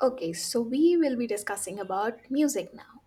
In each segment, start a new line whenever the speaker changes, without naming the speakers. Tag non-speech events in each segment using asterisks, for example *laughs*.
Okay, so we will be discussing about music now.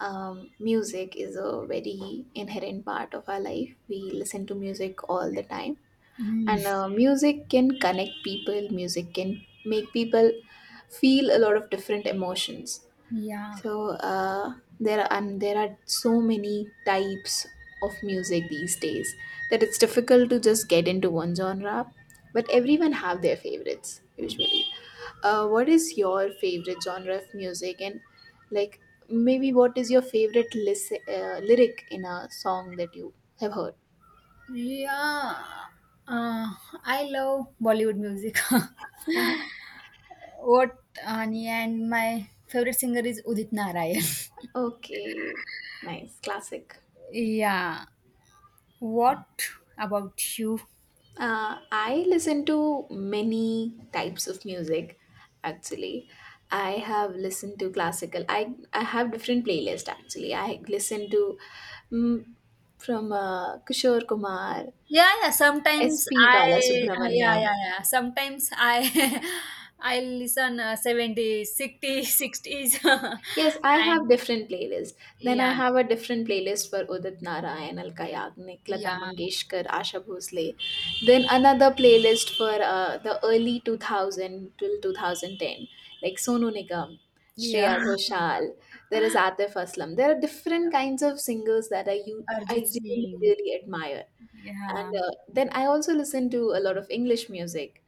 Music is a very inherent part of our life. We listen to music all the time,
Mm,
and music can connect people. Music can make people feel a lot of different emotions.
yeah,
So there are so many types of music these days that it's difficult to just get into one genre. But everyone have their favorites usually. What is your favorite genre of music, and like, maybe what is your favorite lyric in a song that you have heard?
yeah. Uh, I love Bollywood music. *laughs*
*laughs*
What Ani and my favorite singer is Udit Narayan.
Okay, nice classic.
*laughs* Yeah. What about you?
I listen to many types of music actually. I have listened to classical. I have different playlists actually. I listen to mm, from Kishore Kumar,
Yeah, yeah. Sometimes
S.P.
I, yeah,
Balasubramaniam.
yeah, yeah. Sometimes I, *laughs* I listen 70s, *laughs*
Yes, I
and
have different playlists. Then I
yeah,
have a different playlist for Udit Narayan, Alka Yagnik, Lata
yeah,
Mangeshkar, Asha Bhosle. Then another playlist for the early 2000 till 2010, like Sonu Nigam,
yeah.
Shreya Ghoshal. There is Atif Aslam. There are different kinds of singers that I you
*laughs* Arjit
I really
Singh.
really admire.
Yeah,
And then I also listen to a lot of English music.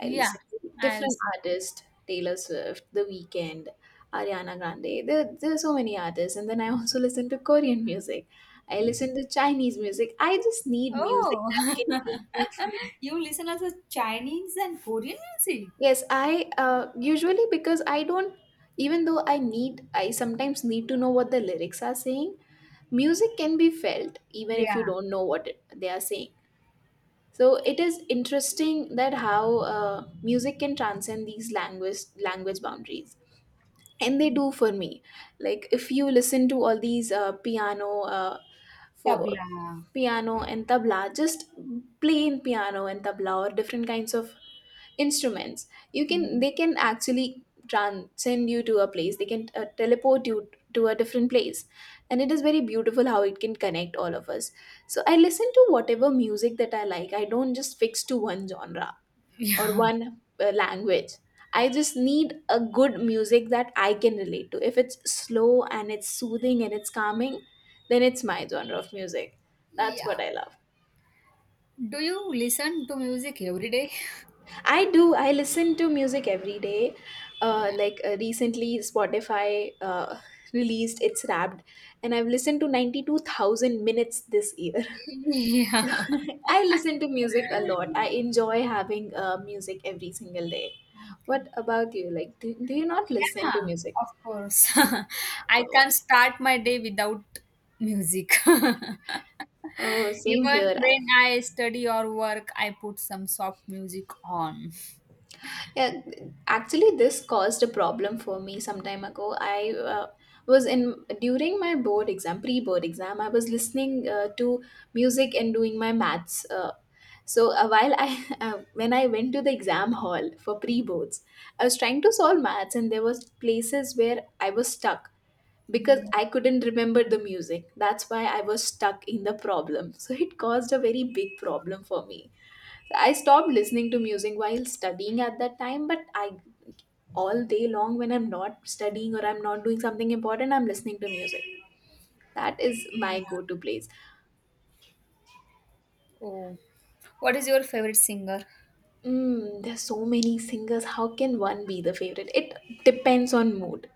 I
yeah.
listen to
I'll
different
see.
artists, Taylor Swift, The Weeknd, Ariana Grande. There are so many artists. And then I also *laughs* listen to Korean music. I listen to Chinese music. I just need music that
Oh,
can make
*laughs*
me feel.
you listen also Chinese and Korean music?
Yes, I usually because I don't, even though I sometimes need to know what the lyrics are saying. Music can be felt even if you
Yeah,
don't know what they are saying. So it is interesting that how music can transcend these language boundaries. And they do for me, like if you listen to all these for
tabla. *laughs*
piano and tabla, just plain piano and tabla or different kinds of instruments. You can
Yeah.
They can actually transcend you to a place. They can teleport you to a different place, and it is very beautiful how it can connect all of us. So I listen to whatever music that I like. I don't just fix to one genre or
Yeah.
one language. I just need a good music that I can relate to. If it's slow and it's soothing and it's calming, then it's my genre of music. That's
Yeah.
what I love.
Do you listen to music every day?
I do. I listen to music every day.
Yeah.
Recently, Spotify released its Wrapped, and I've listened to 92,000 minutes this year. *laughs*
*laughs* Yeah.
*laughs* I listen to music a lot. I enjoy having music every single day.
Okay.
What about you? Like, do you not listen to
Yeah,
music?
of course. *laughs* I
Oh,
can't start my day without music. *laughs*
oh, same
Even
here.
when I study or work, I put some soft music on.
Yeah, actually, this caused a problem for me some time ago. I was in during my board exam, pre-board exam. I was listening to music and doing my maths. So while I *laughs* When I went to the exam hall for pre-boards, I was trying to solve maths, and there was places where I was stuck because
Yeah.
I couldn't remember the music. That's why I was stuck in the problem. So it caused a very big problem for me. I stopped listening to music while studying at that time, but I, all day long when I'm not studying or I'm not doing something important, I'm listening to music. That is my go-to place.
Oh, what is your favorite singer?
There's so many singers. How can one be the favorite? It depends on mood.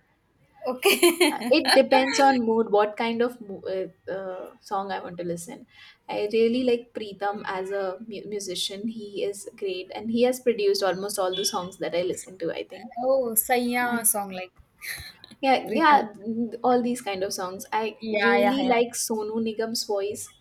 Okay.
It
*laughs*
depends on mood, what kind of song I want to listen. I really like Preetham as a musician. He is great and he has produced almost all the songs that I listen to, I think.
Oh, Saiya song like
Yeah,
Pritam.
yeah, mm, all these kind of songs. I
Yeah, yeah,
really
yeah.
like Sonu Nigam's voice.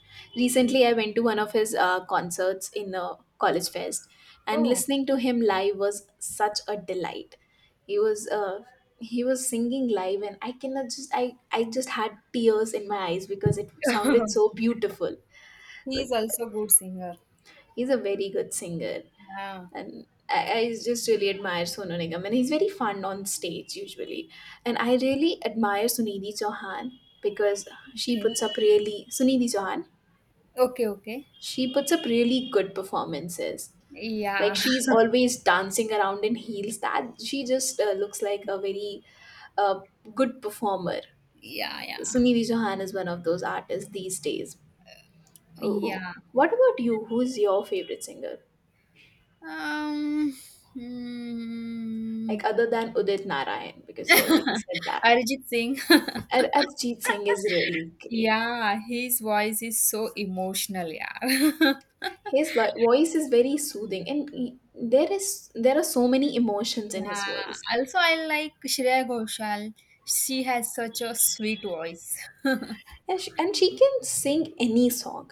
Yeah.
Recently, I went to one of his concerts in a college fest, and
Oh,
listening to him live was such a delight. He was uh, he was singing live, and I cannot just I just had tears in my eyes because it sounded
*laughs*
so beautiful.
he is
Like,
also good singer.
he's a very good singer
Yeah.
and I just really admire Sonu Nigam, and he's very fun on stage usually. And I really admire Sunidhi Chauhan, because she
Okay.
puts up really Sunidhi Chauhan.
Okay. Okay.
She puts up really good performances. Like
Yeah.
she's
*laughs*
always dancing around in heels. That she just looks like a very uh, good performer.
Yeah. Yeah.
Sunidhi Chauhan is one of those artists these days. Uh,
Yeah.
What about you? Who's your favorite singer?
Um. Hmm.
Like other than Udit Narayan, because you already said that.
Arijit Singh.
Arjit Singh is really
*laughs*
great.
Yeah, his voice is so emotional. Yeah. *laughs*
His voice is very soothing, and there are so many emotions in his
Yeah.
voice,
Also, I like Shreya Ghoshal. She has such a sweet voice. *laughs*
and she can sing any song.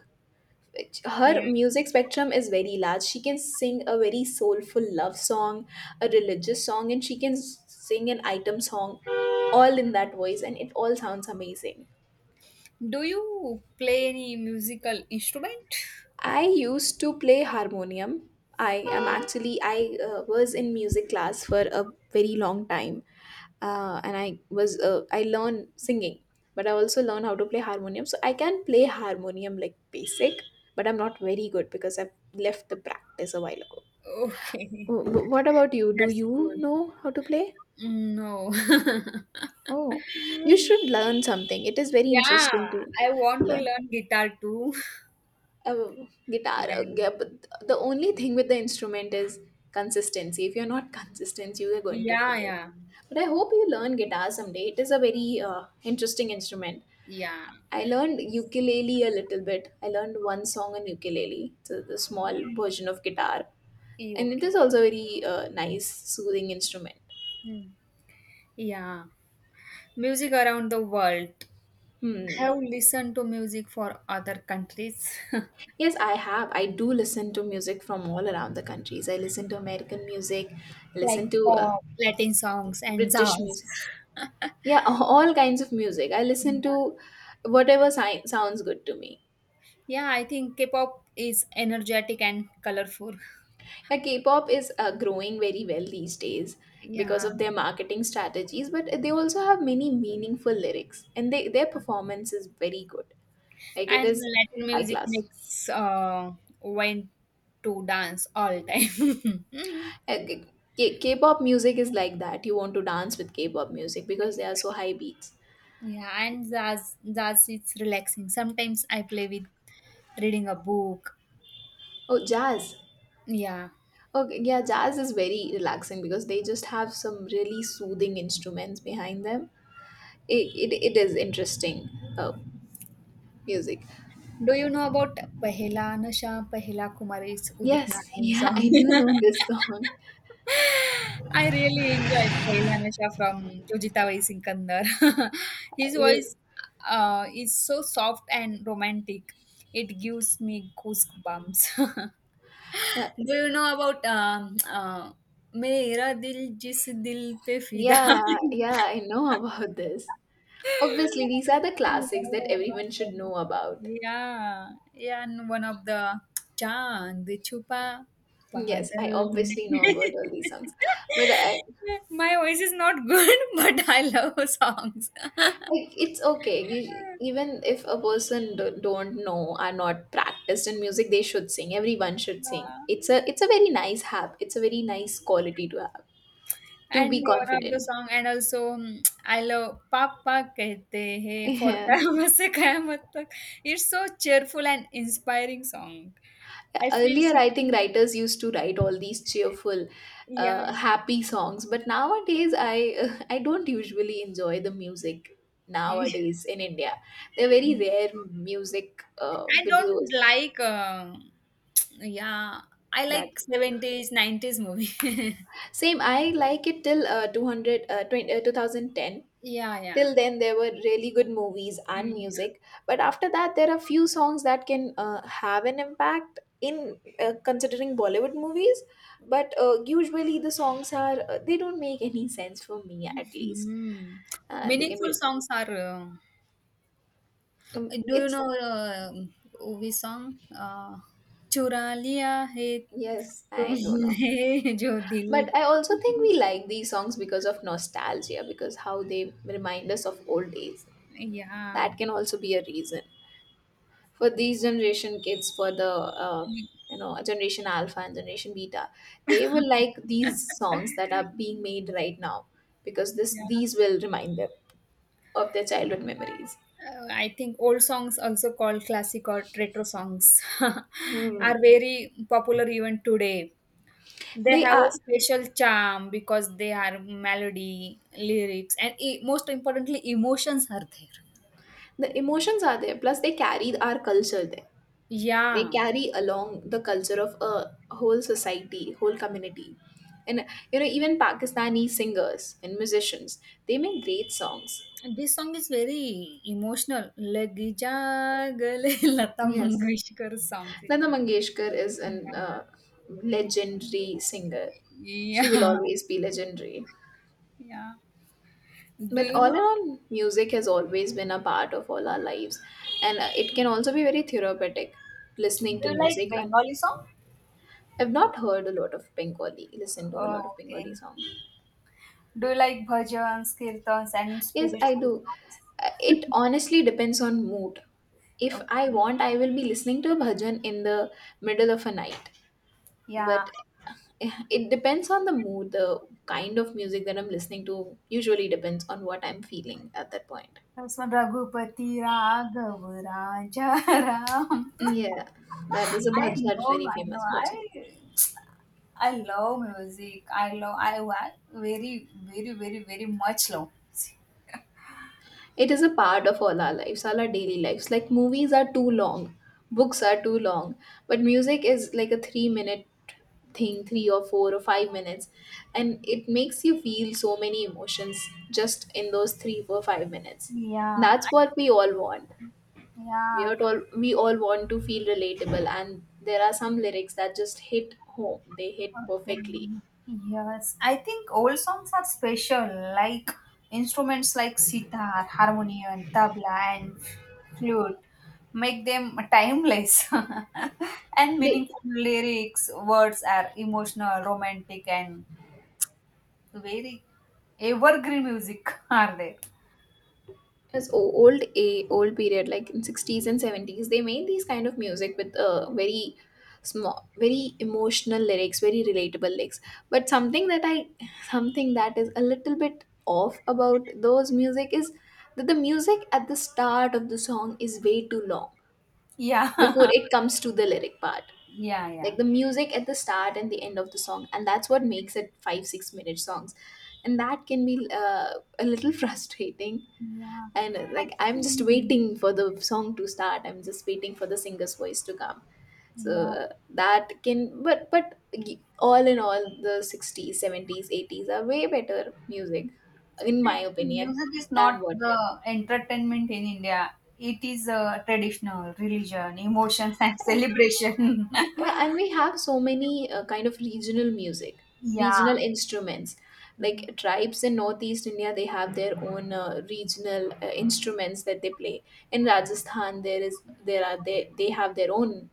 Which- Her
Yeah.
music spectrum is very large. She can sing a very soulful love song, a religious song, and she can sing an item song, all in that voice, and it all sounds amazing.
Do you play any musical instrument?
I used to play harmonium. I am actually I was in music class for a very long time, and I was I learn singing, but I also learn how to play harmonium. So I can play harmonium like basic, but I'm not very good because I've left the practice a while ago.
Okay.
What about you? Do
That's
you
cool.
know how to play?
No. *laughs*
Oh, you should learn something. It is very
Yeah,
interesting to
I want to
learn.
learn guitar too.
A
*laughs*
guitar.
Yeah.
Yeah, but the only thing with the instrument is consistency. If you're not consistent, you are going to
Yeah,
forget.
yeah.
But I hope you learn guitar someday. It is a very interesting instrument.
Yeah.
I learned
It's
ukulele a little bit. I learned one song on ukulele. It's a, the small
yeah.
version of guitar. And it
Okay.
is also a very nice, soothing instrument.
Hmm. Yeah. Music around the world.
Hmm.
I have listened to music for other countries. *laughs*
Yes, I have. I do listen to music from all around the countries. I listen to American music, I
Like
listen to
pop, Latin songs, and
British music.
jazz. *laughs*
Yeah, *laughs* all kinds of music. I listen to whatever sounds good to me.
Yeah, I think K-pop is energetic and colorful.
Yeah, K-pop is growing very well these days because
Yeah,
of their marketing strategies, but they also have many meaningful lyrics, and they their performance is very good. Like it
and
is
Latin
high
music
class.
makes when to dance all time. *laughs*
Uh, K- K-pop music is like that. You want to dance with K-pop music because they are so high beats.
Yeah, and jazz it's relaxing. Sometimes I play with reading a book.
Oh, jazz.
Yeah,
Oh, yeah, jazz is very relaxing because they just have some really soothing instruments behind them. It is interesting. Oh, music.
do you know about Pehla Nasha Pehla Kumari's Udit
Yes. *laughs*
Narayan
Yeah, I
song?
do know
*laughs*
this song.
I really enjoyed Pehla Nasha from Jojita Vai Sikandar. *laughs* His
It is.
voice is so soft and romantic. It gives me goosebumps. *laughs*
Yeah,
Do you know about मेरा दिल जिस दिल पे फिदा
yeah. Yeah, I know about this. Obviously
*laughs*
these are the classics that everyone should know about.
yeah, yeah, and one of the चांद छुपा
Yes, I
बादल
obviously know
*laughs*
about all these songs, but i,
my voice is not good *laughs* but I love songs *laughs*
I. It's okay, you, even if a person don't know are not practiced in music, they should sing. Everyone should sing.
yeah.
It's a, it's a very nice hab it's a very nice quality to have, to
And
be
one of the
confident.
song, and also I love "Papa Kehte
*laughs*
Hai" for *laughs*
Yeah,
Qayamat Se Qayamat Tak. It's so cheerful and inspiring song. I feel
earlier I think
singing.
writers used to write all these cheerful
Yeah,
happy songs, but nowadays I *laughs* I don't usually enjoy the music
*laughs*
nowadays in India. They're very rare music
I don't
videos
like. Yeah, I
that,
like seventies, nineties movie. *laughs*
same. I like it till 2010.
Yeah, yeah,
Till then there were really good movies and
yeah.
music, but after that there are few songs that can have an impact in considering Bollywood movies. But usually the songs are they don't make any *laughs* sense for me at least.
Hmm.
They can
Meaningful
be
songs are. Do you
it's
know Ovi song? चुरा लिया है
Yes, I don't know,
तुमने जो दिल
but I also think we like these songs because of nostalgia, because how they remind us of old days.
*laughs* yeah,
That can also be a reason. For these generation kids, for the uh, you know, generation alpha and generation beta, they will like these songs that are being made right now, because this
yeah.
these will remind them of their childhood memories.
I think old songs also called classic or retro songs *laughs*
Hmm.
are very popular even today. They
they
have a
are
special charm because they are melody lyrics and most importantly emotions are there.
the emotions are there, plus they carry our culture there. They
Yeah.
carry along the culture of a whole society, whole community. And you know, even Pakistani singers and musicians, they make great songs.
And this song is very emotional. Lagi jagale *laughs* Lata
Yes.
Mangeshkar something.
Lata Mangeshkar is an
Yeah,
legendary singer. She will
*laughs*
always be legendary.
yeah. Yeah. Do
But
you
all in
know?
all, music has always been a part of all our lives, and it can also be very therapeutic.
Do
Listening to
you like
music, and
Bengali song?
I've not heard a lot of Bengali. Listen to a
Oh,
lot of
okay.
Bengali songs.
Do you like bhajans, kirtans, and
Yes, I
spiritual
do.
songs?
It honestly depends on mood. If I
Okay.
want, I will be listening to a bhajan in the middle of a night,
Yeah.
but *laughs* it depends on the mood. The kind of music that I'm listening to usually depends on what I'm feeling at that point.
उसमें रघुपति राघव राजा Ram
Yeah,
I
that's
know,
very
I know.
famous bhajan.
I love music. I love. Very, very, very, very much love music.
It is a part of all our lives, all our daily lives. Like, movies are too long, books are too long, but music is like a 3-minute thing, 3 or 4 or 5 minutes, and it makes you feel so many emotions just in those 3 or 5 minutes.
Yeah,
That's what we all want. we
yeah.
are all we all want to feel relatable, and there are some lyrics that just hit home. They hit
Okay.
perfectly.
Yes, I think old songs are special, like instruments like sitar, harmonium, tabla, and flute make them timeless *laughs* and
They,
meaningful lyrics. Words are emotional, romantic, and very evergreen music, *laughs* are they?
as old period, like in 60s and 70s, they made these kind of music with very small, very emotional lyrics, very relatable lyrics. But something that is a little bit off about those music is that the music at the start of the song is way too long before
Yeah, *laughs*
it comes to the lyric part.
yeah,
Like
yeah,
the music at the start and the end of the song, and that's what makes it 5 6 minute songs, and that can be a little *laughs* frustrating.
yeah.
And
I
like, I'm just
think,
waiting for the song to start, I'm just waiting for the singer's voice to come. So
yeah.
that can, all in all, the 60s, 70s, 80s are way better music in
I
my
think
opinion
music is
than
not
what.
the entertainment in India. It is traditional, religion, emotions, and celebration.
Yeah, and we have so many, kind of regional music,
*laughs* Yeah.
regional instruments.
Mhm.
Like tribes in Northeast India, they have their own regional instruments that they play. In Rajasthan, there is there are they have their own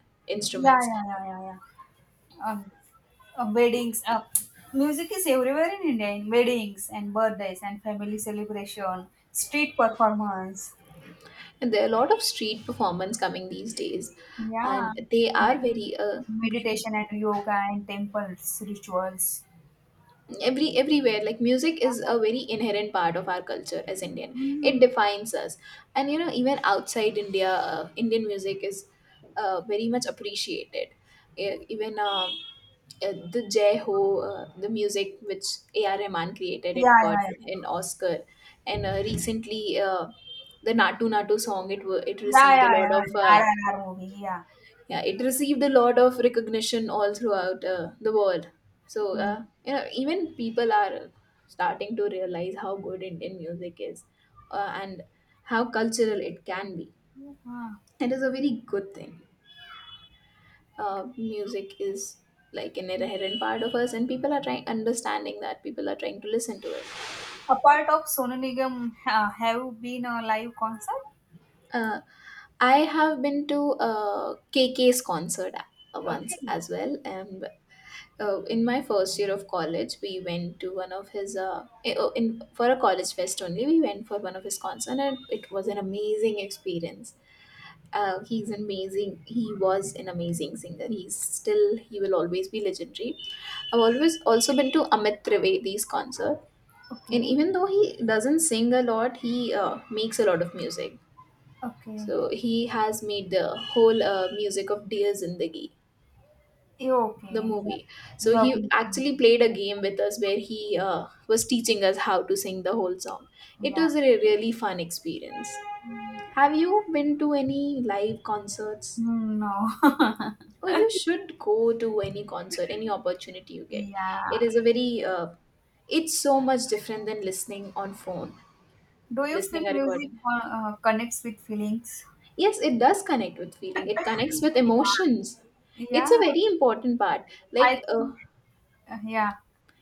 Yeah,
instruments,
yeah, yeah, yeah, yeah. Um, weddings. Music is everywhere in India in weddings and birthdays and family celebration, street performance.
and there are a lot of street performance coming these days,
Yeah.
and they are
Med-
very,
meditation and yoga and temples, rituals.
everywhere. Like music is a very inherent part of our culture as Indian. It
Mm.
defines us. And you know, even outside India, Indian music is very much appreciated. Even, the Jai Ho, the music which ar rahman created,
Yeah,
it got
yeah, yeah.
an Oscar. And recently, uh, the natu natu song, it
Yeah,
received
yeah,
a lot
yeah.
of,
RRR movie. Yeah.
yeah, it received a lot of recognition all throughout, the world. So
Mhm.
you know, even people are starting to realize how good Indian music is, and how cultural it can be.
Ah.
It is a very good thing. Music is like an inherent part of us, and people are trying understanding that, people are trying to listen to it.
A part of Sonu Nigam have been a live concert.
uh, I have been to a KK's concert,
Okay,
once as well. And in my first year of college, we went to one of his, in for a college fest only, we went for one of his concerts, and it was an amazing experience. He's amazing. He was an amazing singer. He will always be legendary. I've always also been to Amit Trivedi's concert, and
okay,
even though he doesn't sing a lot, he makes a lot of music.
okay.
So he has made the whole, music of Dear Zindagi,
Yeah, okay.
the
Yeah.
movie. So he
Lovely.
actually played a game with us where he was teaching us how to sing the whole song. It
Yeah.
was a really fun experience.
Mm,
Have you been to any live concerts?
No. *laughs*
Oh, you should go to any concert, any opportunity you get. It
Yeah.
is a very, it's so much different than listening on phone,
Do you feel
listening a
music
recording.
connects with feelings?
Yes, it does connect with feeling. It connects with emotions. It's a
Yeah.
very important part.
I
Like
think. Yeah.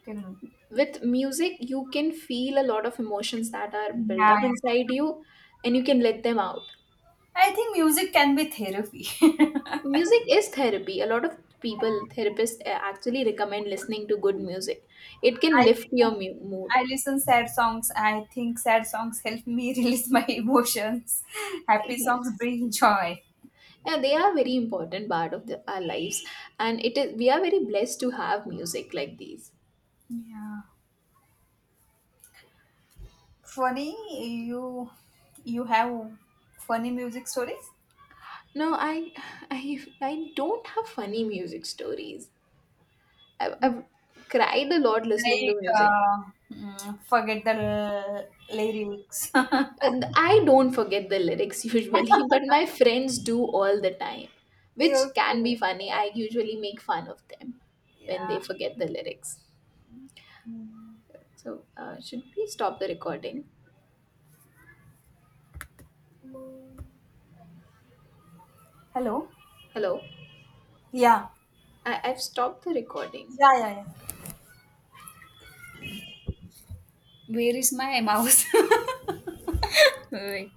Tell me.
with music, you can feel a lot of emotions that are
Yeah,
built up
yeah.
inside you, and you can let them out.
I think music can be therapy. *laughs*
Music is therapy. A lot of people, therapists, actually recommend listening to good music. It can
I
lift your
listen, I
mood.
listen sad songs. I think sad songs help me *laughs* release my emotions.
*laughs*
Happy
Yeah,
songs bring joy.
they are very important part of our lives, and it is we are very blessed to have music like these.
Yeah. Funny, you you have funny music stories
No, I *sighs* I don't have funny music stories. I've cried a lot listening to
like
music.
forget the lyrics. *laughs* Okay.
And I don't forget the lyrics *laughs* usually, but my friends do all the time, which can be funny. I usually make fun of them when
Yeah.
they forget the lyrics. So, should we stop the recording?
Hello.
Hello?
Yeah.
I've stopped the recording.
Yeah. Yeah. Yeah. Where is my mouse? *laughs* Wait.